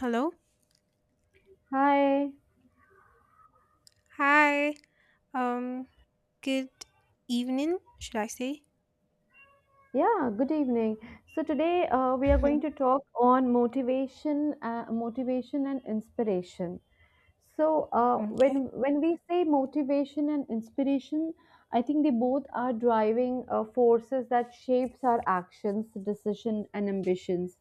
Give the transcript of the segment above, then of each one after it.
Hello. Hi. Hi. Um, good evening, should I say? Yeah, good evening. So today we are going to talk on motivation, motivation and inspiration. So Okay. when we say motivation and inspiration, I think they both are driving forces that shapes our actions, decision, and ambitions.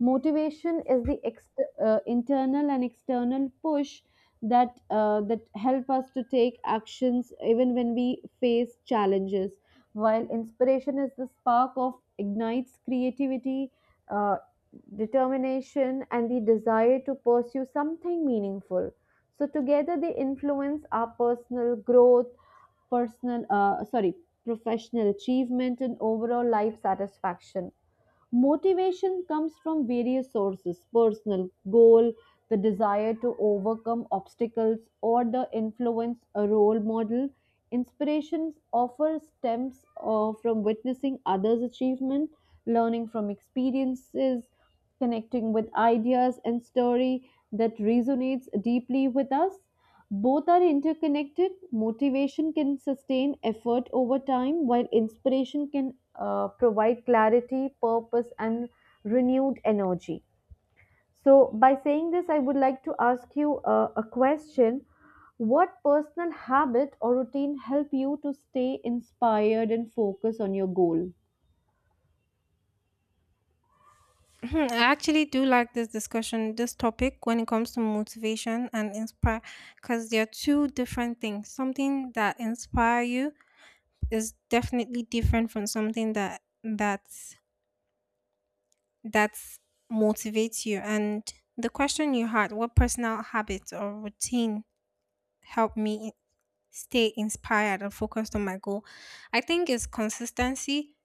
Motivation is internal and external push that help us to take actions even when we face challenges, while inspiration is the spark of ignites creativity, uh, determination and the desire to pursue something meaningful, so together they influence our personal growth, personal sorry professional achievement and overall life satisfaction. Motivation comes from various sources: personal goal, the desire to overcome obstacles, or the influence a role model. Inspirations offer stems from witnessing others' achievement, learning from experiences, connecting with ideas and story that resonates deeply with us. Both are interconnected. Motivation can sustain effort over time, while inspiration can provide clarity, purpose, and renewed energy. So, by saying this, I would like to ask you a question. What personal habit or routine help you to stay inspired and focus on your goal? I actually do like this discussion, this topic when it comes to motivation and inspire, because they are two different things. Something that inspire you is definitely different from something that that's motivates you. And the question you had, what personal habits or routine help me stay inspired and focused on my goal. I think it's consistency.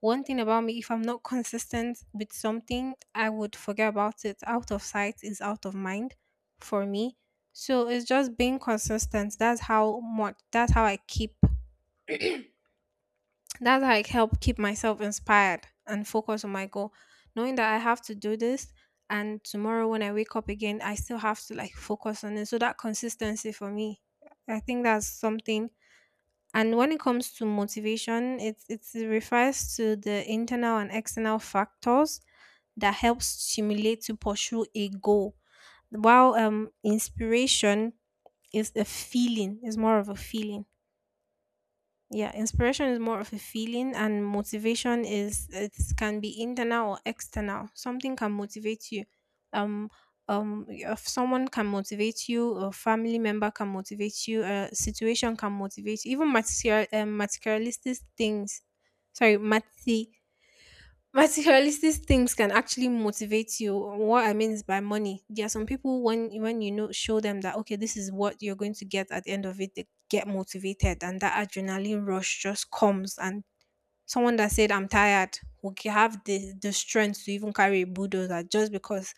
One thing about me, if I'm not consistent with something, I would forget about it. Out of sight is out of mind for me. So it's just being consistent. That's how I help keep myself inspired and focus on my goal. Knowing that I have to do this and tomorrow when I wake up again, I still have to like focus on it. So that consistency for me, I think that's something. And when it comes to motivation, it refers to the internal and external factors that help stimulate to pursue a goal. While inspiration is a feeling, is more of a feeling. Yeah, inspiration is more of a feeling and motivation is it can be internal or external. Something can motivate you. Um if someone can motivate you, a family member can motivate you, a situation can motivate you, even material materialistic things. Sorry, mati Materialistic things can actually motivate you. What I mean is by money. There are some people when you know show them that okay, this is what you're going to get at the end of it, they get motivated and that adrenaline rush just comes. And someone that said I'm tired will have the strength to even carry a bulldozer just because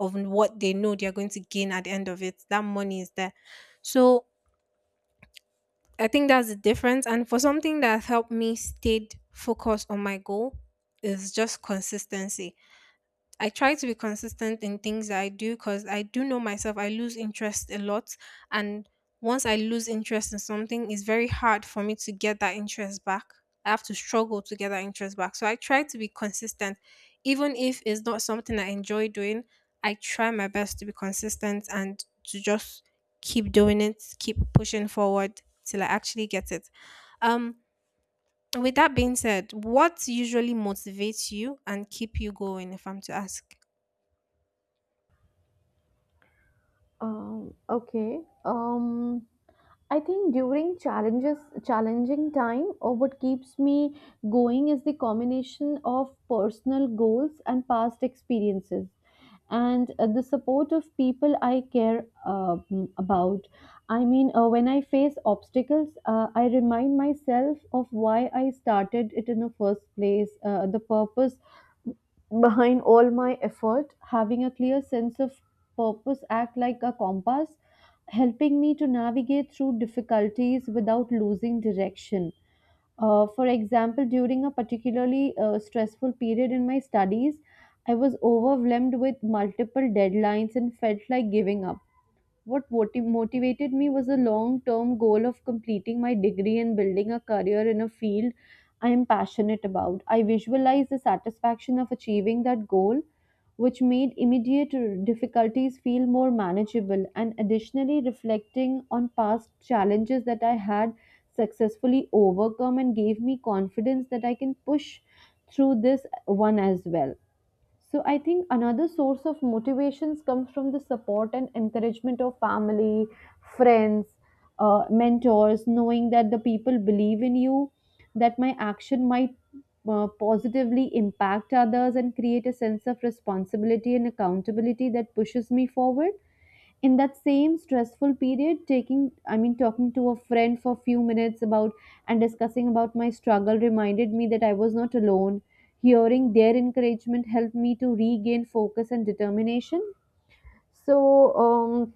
of what they know they're going to gain at the end of it. That money is there. So I think that's the difference. And for something that helped me stayed focused on my goal is just consistency. I try to be consistent in things that I do because I do know myself. I lose interest a lot. And once I lose interest in something, it's very hard for me to get that interest back. I have to struggle to get that interest back. So I try to be consistent. Even if it's not something I enjoy doing, I try my best to be consistent and to just keep doing it, keep pushing forward till I actually get it. Um, with that being said, what usually motivates you and keep you going, if I'm to ask? Okay. I think during challenges, challenging time, or what keeps me going is the combination of personal goals and past experiences, and the support of people I care about. I mean, when I face obstacles, I remind myself of why I started it in the first place, the purpose behind all my effort, having a clear sense of purpose act like a compass, helping me to navigate through difficulties without losing direction. For example, during a particularly stressful period in my studies, I was overwhelmed with multiple deadlines and felt like giving up. What motivated me was a long term goal of completing my degree and building a career in a field I am passionate about. I visualized the satisfaction of achieving that goal, which made immediate difficulties feel more manageable, and additionally, reflecting on past challenges that I had successfully overcome and gave me confidence that I can push through this one as well. So I think another source of motivations comes from the support and encouragement of family, friends, mentors, knowing that the people believe in you, that my action might positively impact others and create a sense of responsibility and accountability that pushes me forward. In that same stressful period, taking, I mean, talking to a friend for a few minutes about and discussing about my struggle reminded me that I was not alone. Hearing their encouragement helped me to regain focus and determination. So um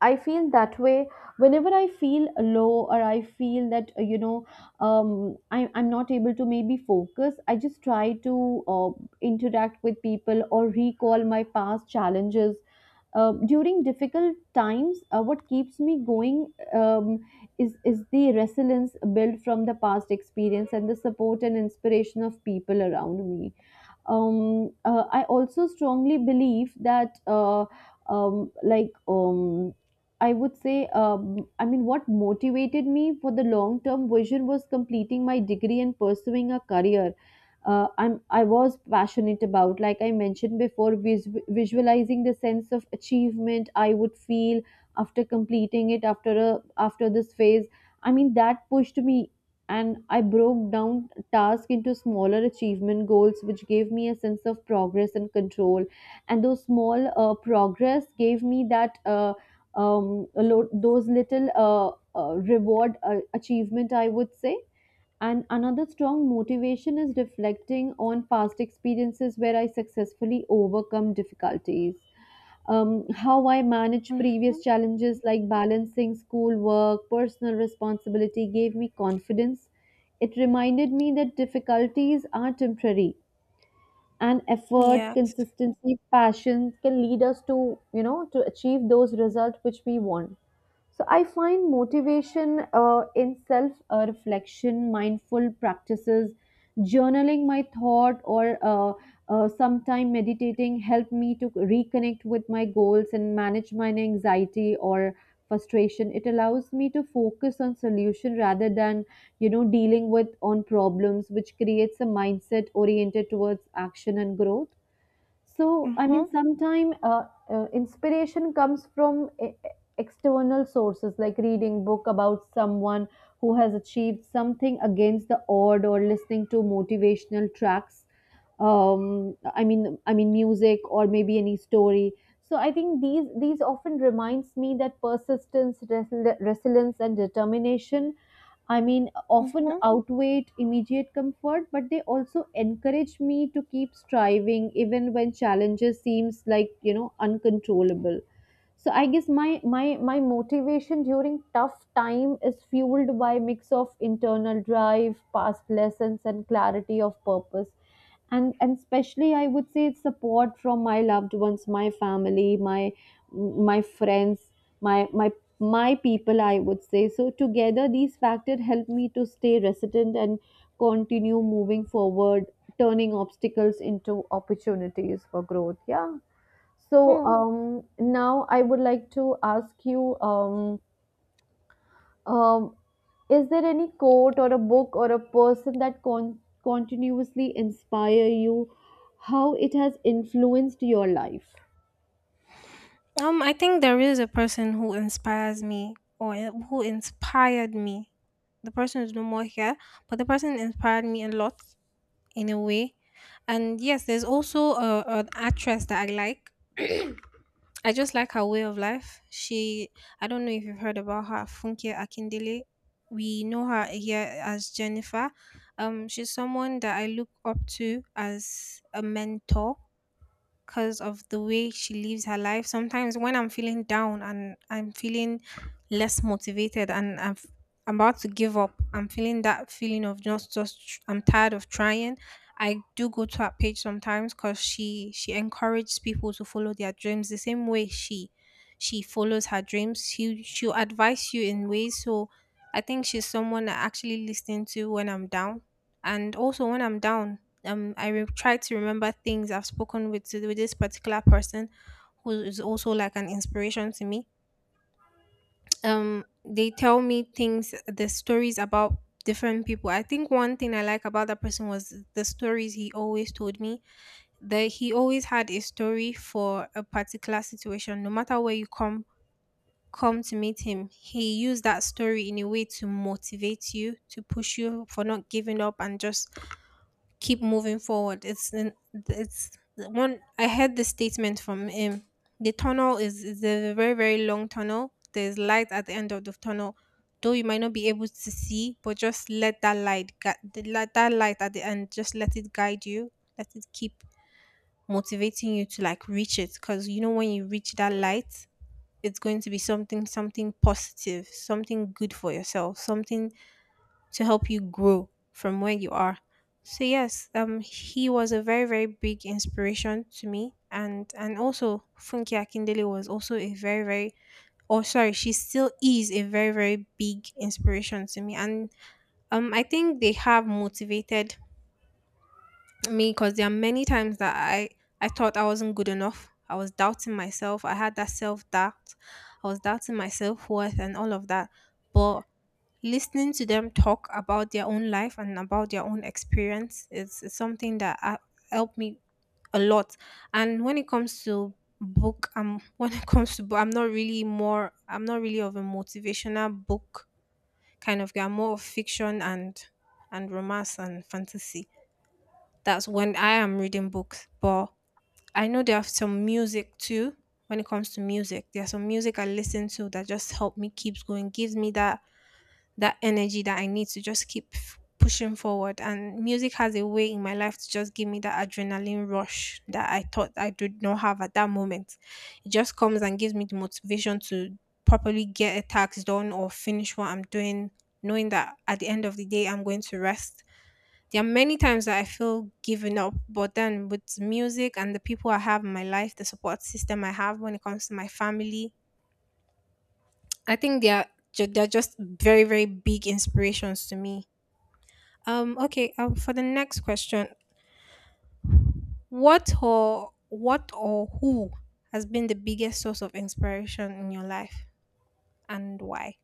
I feel that way whenever I feel low or I feel that I'm not able to maybe focus. I just try to interact with people or recall my past challenges. During difficult times, what keeps me going is the resilience built from the past experience and the support and inspiration of people around me. I also strongly believe that, um, like, um, I mean, what motivated me for the long term vision was completing my degree and pursuing a career I was passionate about, like I mentioned before, visualizing the sense of achievement I would feel after completing it, after this phase. I mean, that pushed me, and I broke down task into smaller achievement goals, which gave me a sense of progress and control. And those small progress gave me that a lo- those little reward achievement, I would say. And another strong motivation is reflecting on past experiences where I successfully overcome difficulties. How I managed previous Mhm. challenges like balancing schoolwork, personal responsibility gave me confidence. It reminded me that difficulties are temporary and effort, Yes. consistency, passion can lead us to, you know, to achieve those results which we want. So I find motivation in self reflection, mindful practices, journaling my thought, or sometime meditating help me to reconnect with my goals and manage my anxiety or frustration. It allows me to focus on solution rather than, you know, dealing with on problems, which creates a mindset oriented towards action and growth. So I mean Mhm. sometimes inspiration comes from external sources like reading book about someone who has achieved something against the odd or listening to motivational tracks, I mean music or maybe any story. So I think these often reminds me that persistence, resilience and determination, I mean, often Mhm. outweighed immediate comfort, but they also encourage me to keep striving even when challenges seems like, you know, uncontrollable. So I guess my motivation during tough time is fueled by mix of internal drive, past lessons and clarity of purpose, and especially I would say it's support from my loved ones, my family, my friends, my my my people, I would say. So together these factors help me to stay resilient and continue moving forward, turning obstacles into opportunities for growth, yeah. So Mm. Now I would like to ask you um, is there any quote or a book or a person that continuously inspire you, how it has influenced your life? I think there is a person who inspires me who inspired me. The person is no more here, but the person inspired me a lot in a way. And yes, there's also a, an actress that I like. I just like her way of life. She, I don't know if you've heard about her, Funke Akindele. We know her here as Jennifer. She's someone that I look up to as a mentor because of the way she lives her life. Sometimes when I'm feeling down and I'm feeling less motivated and about to give up, I'm feeling that feeling of just I'm tired of trying. I do go to her page sometimes because she encourages people to follow their dreams the same way she follows her dreams. She'll advise you in ways. So I think she's someone I actually listen to when I'm down. And also when I'm down, I will try to remember things I've spoken with this particular person who is also like an inspiration to me. They tell me things, the stories about different people. I think one thing I like about that person was the stories he always told me. That He always had a story for a particular situation no matter where you come to meet him. He used that story in a way to motivate you, to push you for not giving up and just keep moving forward. It's an- it's The one. I heard the statement from him. The tunnel is a very very long tunnel. There's light at the end of the tunnel, though you might not be able to see, but just let that light gu- the li- that light at the end. Just let it guide you. Let it keep motivating you to like reach it, because you know when you reach that light, it's going to be something, something positive, something good for yourself, something to help you grow from where you are. So yes, he was a very very big inspiration to me, and also Funke Akindele was also a very very she still is a very very big inspiration to me, and I think they have motivated me because there are many times that I thought I wasn't good enough. I was doubting myself. I had that self doubt. I was doubting my self worth and all of that. But listening to them talk about their own life and about their own experience is something that helped me a lot. And when it comes to book, when it comes to book, I'm not really more. I'm not really of a motivational book kind of guy. I'm more of fiction and romance and fantasy. That's when I am reading books. But I know there are some music too. When it comes to music, there are some music I listen to that just help me keeps going, gives me that energy that I need to just pushing forward. And music has a way in my life to just give me that adrenaline rush that I thought I did not have at that moment. It just comes and gives me the motivation to properly get a task done or finish what I'm doing, knowing that at the end of the day, I'm going to rest. There are many times that I feel giving up, but then with music and the people I have in my life, the support system I have when it comes to my family, I think they are they're just very very big inspirations to me. Okay, for the next question, what or who has been the biggest source of inspiration in your life and why?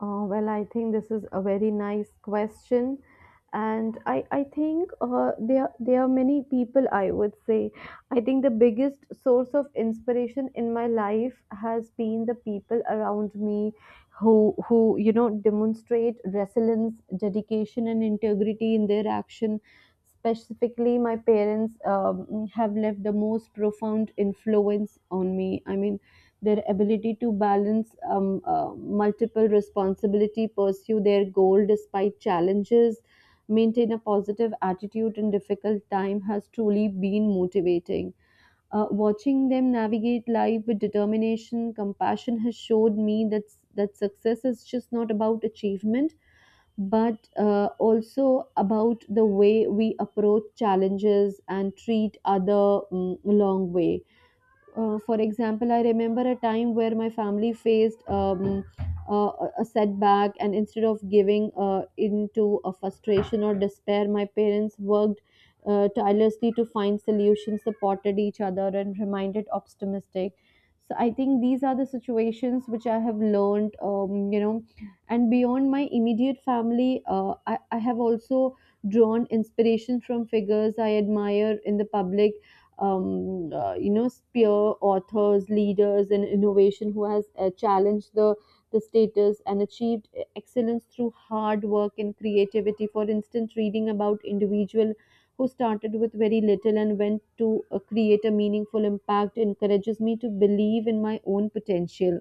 Well, I think this is a very nice question, and I think there are many people. I would say I think the biggest source of inspiration in my life has been the people around me, who, you know, demonstrate resilience, dedication, and integrity in their action. Specifically, my parents have left the most profound influence on me. I mean, their ability to balance multiple responsibility, pursue their goal despite challenges, maintain a positive attitude in difficult time has truly been motivating. Watching them navigate life with determination, compassion has showed me that success is just not about achievement, but also about the way we approach challenges and treat other, mm, long way. For example, I remember a time where my family faced a setback, and instead of giving into a frustration or despair, my parents worked tirelessly to find solutions, supported each other, and reminded optimistic. So I think these are the situations which I have learned, you know, and beyond my immediate family, I have also drawn inspiration from figures I admire in the public, you know, peer authors, leaders in innovation who has challenged the status and achieved excellence through hard work and creativity. For instance, reading about individual who started with very little and went to create a meaningful impact encourages me to believe in my own potential.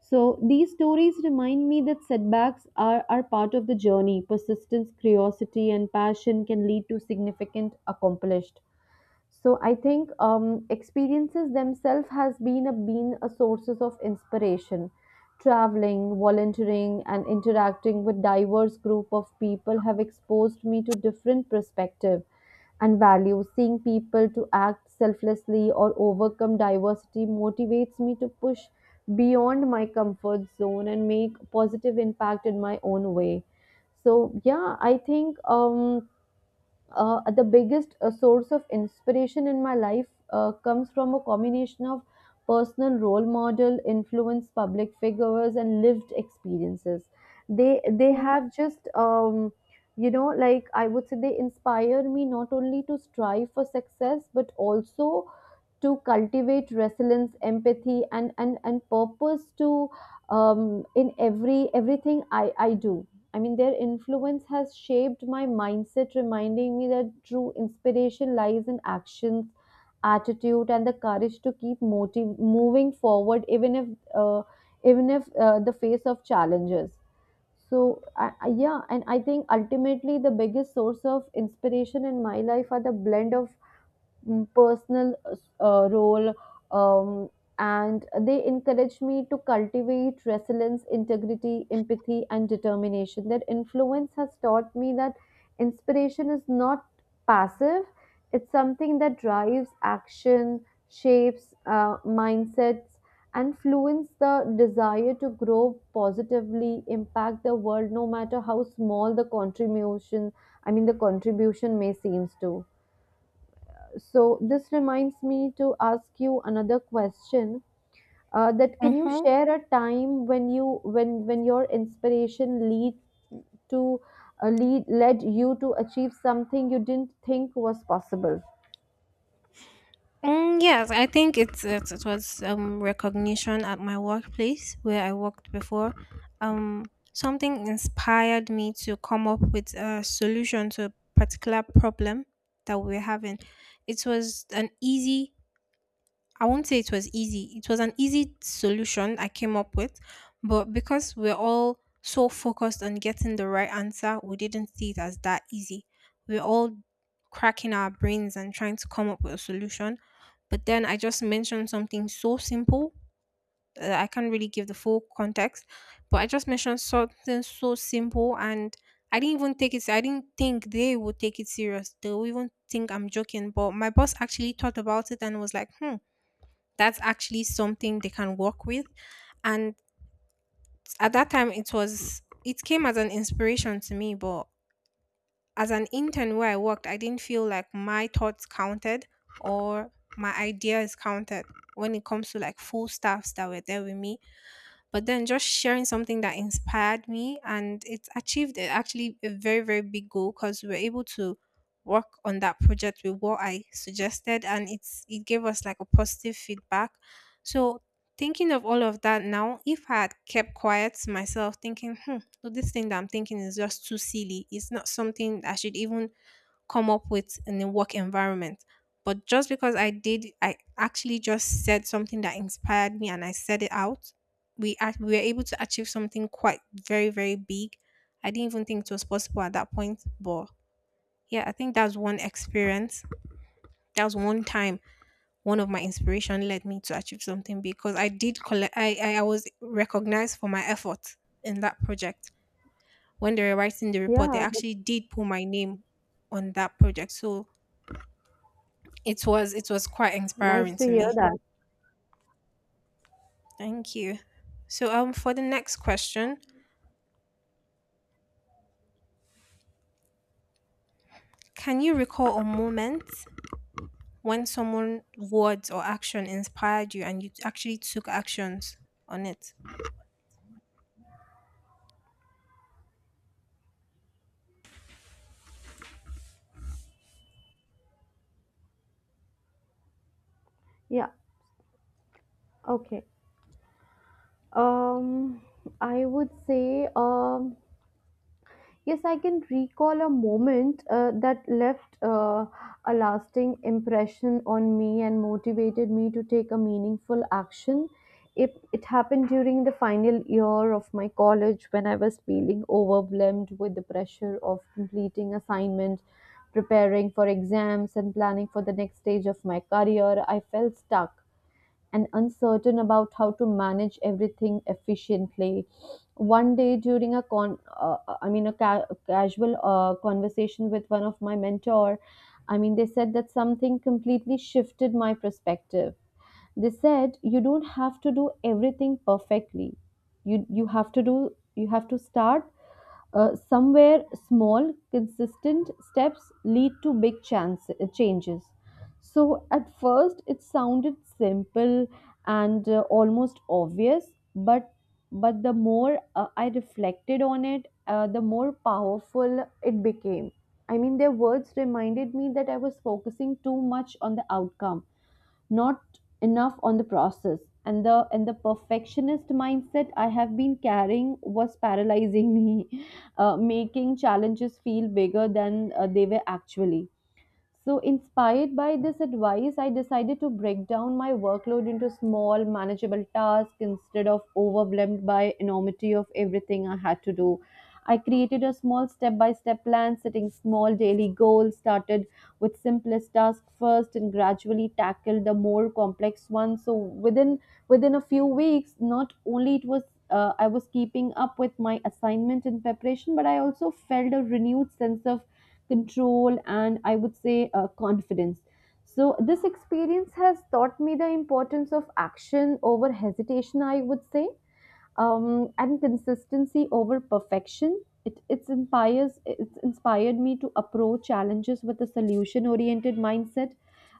So these stories remind me that setbacks are part of the journey. Persistence, curiosity, and passion can lead to significant accomplished. So I think experiences themselves has been a sources of inspiration. Traveling, volunteering and interacting with diverse group of people have exposed me to different perspective and values. Seeing people to act selflessly or overcome diversity motivates me to push beyond my comfort zone and make positive impact in my own way. So yeah, I think the biggest source of inspiration in my life comes from a combination of personal role model influence, public figures and lived experiences. They have just, you know, like I would say they inspire me not only to strive for success but also to cultivate resilience, empathy and purpose to, in everything I do. I mean, their influence has shaped my mindset, reminding me that true inspiration lies in actions, attitude, and the courage to keep moving forward, even if uh, the face of challenges. So yeah, and I think ultimately the biggest source of inspiration in my life are the blend of, mm, personal role, um, and they encouraged me to cultivate resilience, integrity, empathy and determination. Their influence has taught me that inspiration is not passive, it's something that drives action, shapes, mindsets, and fluence the desire to grow, positively impact the world no matter how small the contribution. I mean the contribution may seems to. So this reminds me to ask you another question. That can you Mm-hmm. share a time when your inspiration lead to, lead led you to achieve something you didn't think was possible? Mm, yes, I think it's, it was recognition at my workplace where I worked before. Um, Something inspired me to come up with a solution to a particular problem that we were having. It was an easy I won't say it was easy. It was an easy solution I came up with, but because we're all so focused on getting the right answer, we didn't see it as that easy. We're all cracking our brains and trying to come up with a solution. But then I just mentioned something so simple. I can't really give the full context, but I just mentioned something so simple and I didn't even take it. I didn't think they would take it serious. They would even think I'm joking. But my boss actually thought about it and was like, hmm, that's actually something they can work with. And at that time, it came as an inspiration to me, but as an intern where I worked, I didn't feel like my thoughts counted or my ideas counted when it comes to like full staffs that were there with me. But then just sharing something that inspired me and it achieved actually a very very big goal because we were able to work on that project with what I suggested and it gave us like a positive feedback. So thinking of all of that now, if I had kept quiet to myself thinking hmm so this thing that I'm thinking is just too silly, it's not something I should even come up with in the work environment. But just because I did, I actually just said something that inspired me and I said it out, we were able to achieve something quite very, very big. I didn't even think it was possible at that point. But yeah, I think that's one experience. That was one time One of my inspiration led me to achieve something because I did collect, I was recognized for my effort in that project. When they were writing the report, they Yeah, actually did put my name on that project. So it was quite nice inspiring to to hear me. that. Thank you. So for the next question, can you recall a moment when someone words or action inspired you and you actually took actions on it? Yeah. Okay. Um, I would say Yes, I can recall a moment that left a lasting impression on me and motivated me to take a meaningful action. It happened during the final year of my college when I was feeling overwhelmed with the pressure of completing assignments, preparing for exams, and planning for the next stage of my career. I felt stuck and uncertain about how to manage everything efficiently. One day during a con, I mean a ca- casual conversation with one of my mentor, they said that something completely shifted my perspective. They said you don't have to do everything perfectly. You have to do you have to start somewhere small, consistent steps lead to big changes. So, at first, it sounded simple and almost obvious, but the more I reflected on it, the more powerful it became. I mean, their words reminded me that I was focusing too much on the outcome, not enough on the process, and the perfectionist mindset I have been carrying was paralyzing me making challenges feel bigger than they were actually. So, inspired by this advice, I decided to break down my workload into small, manageable tasks instead of overwhelmed by enormity of everything I had to do. I created a small step by step plan, setting small daily goals, started with simplest tasks first and gradually tackled the more complex ones. So within a few weeks, not only it was I was keeping up with my assignment and preparation, but I also felt a renewed sense of control, and I would say confidence. So, this experience has taught me the importance of action over hesitation, I would say, and consistency over perfection. It's inspired me to approach challenges with a solution oriented mindset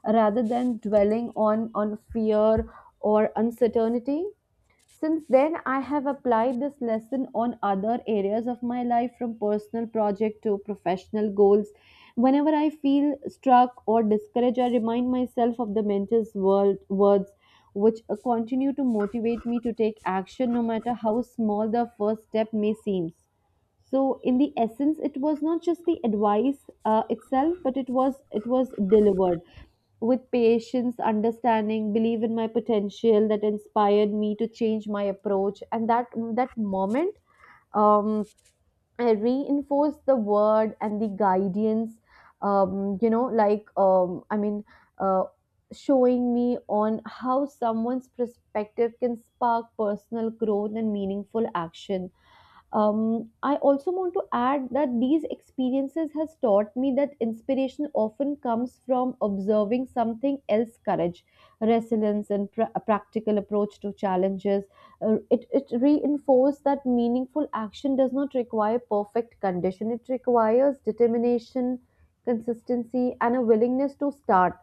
rather than dwelling on fear or uncertainty. Since then, I have applied this lesson on other areas of my life, from personal project to professional goals. Whenever I feel struck or discouraged, I remind myself of the words, which continue to motivate me to take action no matter how small the first step may seem. So in the essence, it was not just the advice itself, but it was delivered with patience, understanding, believe in my potential that inspired me to change my approach. And that moment, um, I reinforced the word and the guidance. Um, you know, like um, I mean, uh, Showing me on how someone's perspective can spark personal growth and meaningful action. I also want to add that these experiences has taught me that inspiration often comes from observing something else courage, resilience, and a practical approach to challenges. It reinforced that meaningful action does not require perfect condition, it requires determination, consistency, and a willingness to start.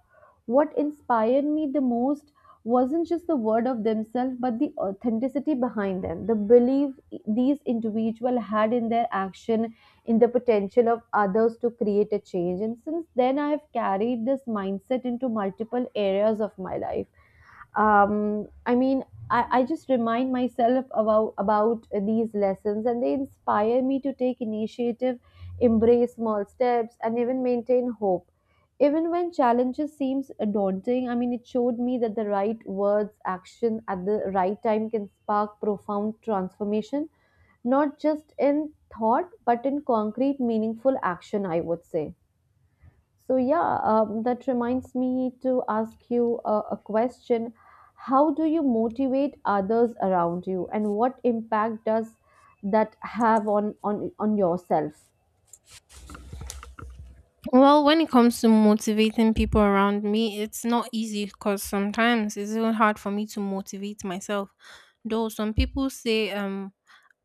What inspired me the most wasn't just the word of themselves, but the authenticity behind them, the belief these individuals had in their action, in the potential of others to create a change. And since then I have carried this mindset into multiple areas of my life. Um, I mean, I, I just remind myself about these lessons, and they inspire me to take initiative, embrace small steps, and even maintain hope. Even when challenges seems daunting, I mean, it showed me that the right words, action at the right time can spark profound transformation, not just in thought, but in concrete, meaningful action, I would say. So, yeah, that reminds me to ask you a question. How do you motivate others around you, and what impact does that have on, on yourself? Well, when it comes to motivating people around me, it's not easy because sometimes it's even hard for me to motivate myself. Though some people say um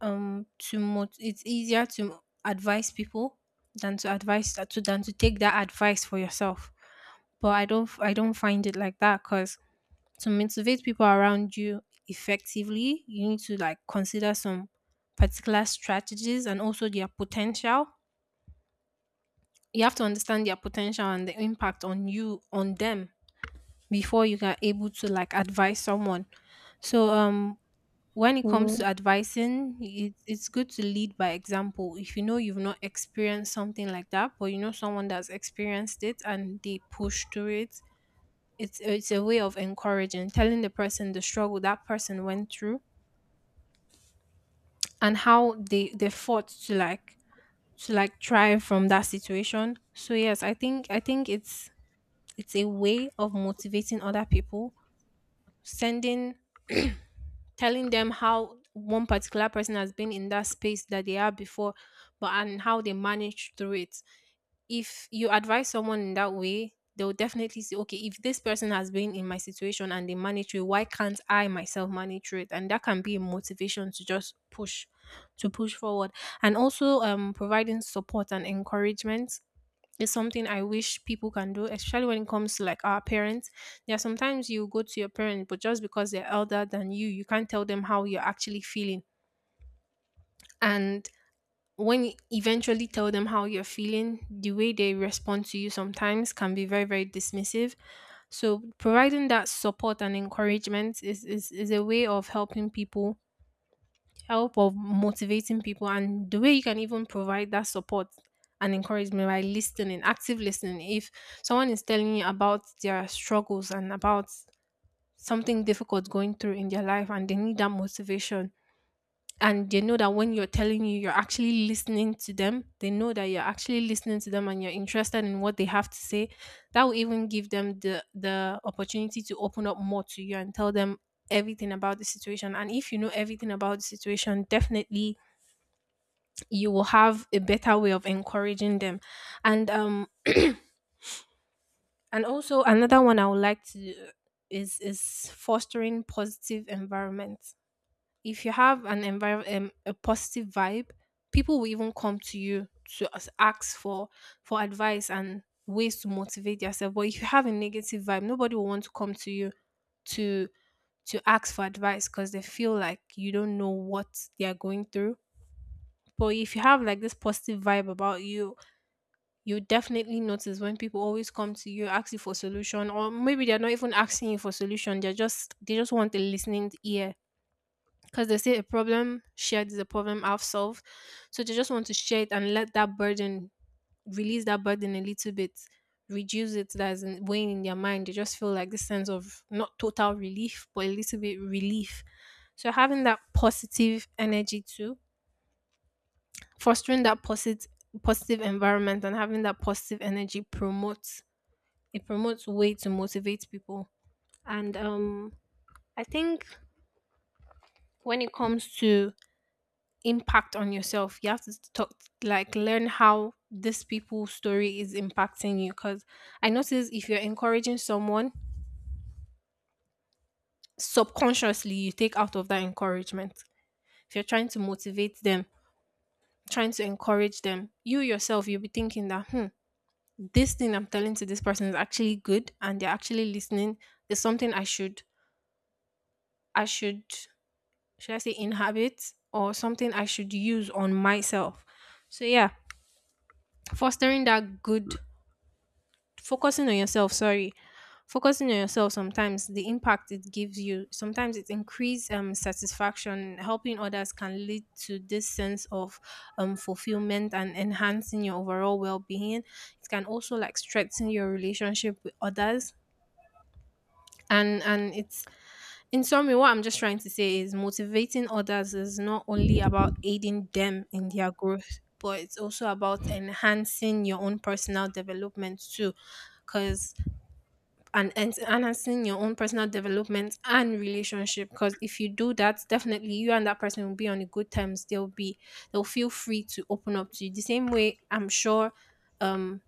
um to mot- it's easier to advise people than to advise to than to take that advice for yourself. But I don't I don't find it like that, because to motivate people around you effectively, you need to like consider some particular strategies and also their potential. You have to understand their potential and the impact on them before you are able to like advise someone. So when it comes Mm-hmm. to advising, it's good to lead by example. If you know you've not experienced something like that, but you know someone that's experienced it and they push through it, it's a way of encouraging, telling the person the struggle that person went through and how they fought to like thrive from that situation. So yes, I think it's a way of motivating other people, sending telling them how one particular person has been in that space that they are before, but and how they managed through it. If you advise someone in that way, they'll definitely say, okay, if this person has been in my situation and they manage through it, why can't I myself manage through it? And that can be a motivation to just push, to push forward. And also providing support and encouragement is something I wish people can do, especially when it comes to like our parents. There are sometimes you go to your parents, but just because they're elder than you, you can't tell them how you're actually feeling. And when you eventually tell them how you're feeling, the way they respond to you sometimes can be very, very dismissive. So providing that support and encouragement is a way of helping people, help of motivating people, and the way you can even provide that support and encouragement by listening, active listening. If someone is telling you about their struggles and about something difficult going through in their life and they need that motivation, and they know that when you're telling you you're actually listening to them they know that you're actually listening to them and you're interested in what they have to say, that will even give them the opportunity to open up more to you and tell them everything about the situation. And if you know everything about the situation, definitely you will have a better way of encouraging them. And and also another one I would like to is fostering positive environment. If you have an environment, a positive vibe, people will even come to you to ask for advice and ways to motivate yourself. But if you have a negative vibe, nobody will want to come to you to to ask for advice, because they feel like you don't know what they are going through. But if you have like this positive vibe about you, you definitely notice when people always come to you, ask you for solution, or maybe they're not even asking you for solution, they just want a listening ear, because they say a problem shared is a problem half solved. So they just want to share it and let that burden, release that burden a little bit, reduce it, that's weighing in their mind. They just feel like this sense of not total relief, but a little bit relief. So having that positive energy too, fostering that positive environment and having that positive energy promotes, it promotes way to motivate people. And I think when it comes to impact on yourself, you have to talk, like, learn how this people's story is impacting you. Because I notice if you're encouraging someone, subconsciously you take out of that encouragement. If you're trying to motivate them, trying to encourage them, you yourself, you'll be thinking that, hmm, this thing I'm telling to this person is actually good and they're actually listening. There's something I should, should I say, inhabit, or something I should use on myself. So, yeah, fostering that good focusing on yourself, sorry, focusing on yourself, sometimes the impact it gives you, sometimes it increases, satisfaction, helping others can lead to this sense of fulfillment and enhancing your overall well-being. It can also like strengthen your relationship with others. And it's, in summary what I'm just trying to say is, motivating others is not only about aiding them in their growth, but it's also about enhancing your own personal development too. Because enhancing your own personal development and relationship, because if you do that, definitely you and that person will be on a good terms, they'll feel free to open up to you. The same way, I'm sure, um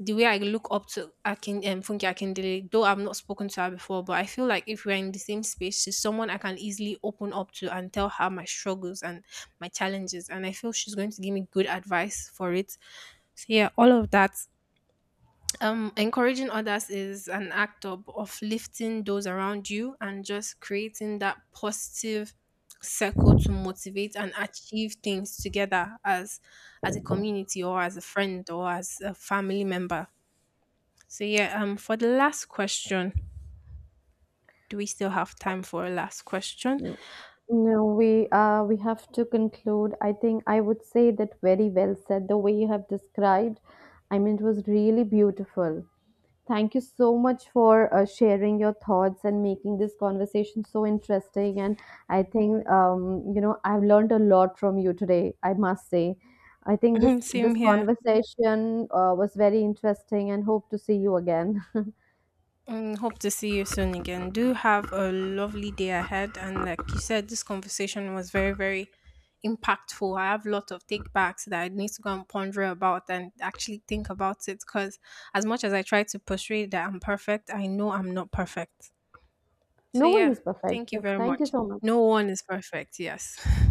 the way I look up to akin Funke Akindele, though I've not spoken to her before, but I feel like if we're in the same space, she's someone I can easily open up to and tell her my struggles and my challenges, and I feel she's going to give me good advice for it. So yeah, all of that, encouraging others is an act of lifting those around you and just creating that positive circle to motivate and achieve things together as a community, or as a friend, or as a family member. So yeah, for the last question, do we still have time for a last question? No, we have to conclude. I think I would say that very well said. The way you have described, I mean, it was really beautiful. Thank you so much for sharing your thoughts and making this conversation so interesting. And I think you know I've learned a lot from you today. I must say, I think this Same this here. conversation was very interesting, and hope to see you again. And hope to see you soon again. Do have a lovely day ahead. And like you said, this conversation was very, very impactful. I have a lot of take backs that I need to go and ponder about and actually think about it. Because as much as I try to portray that I'm perfect, I know I'm not perfect. So No one yeah, is perfect. thank you So very thank you much. so much. No one is perfect. Yes.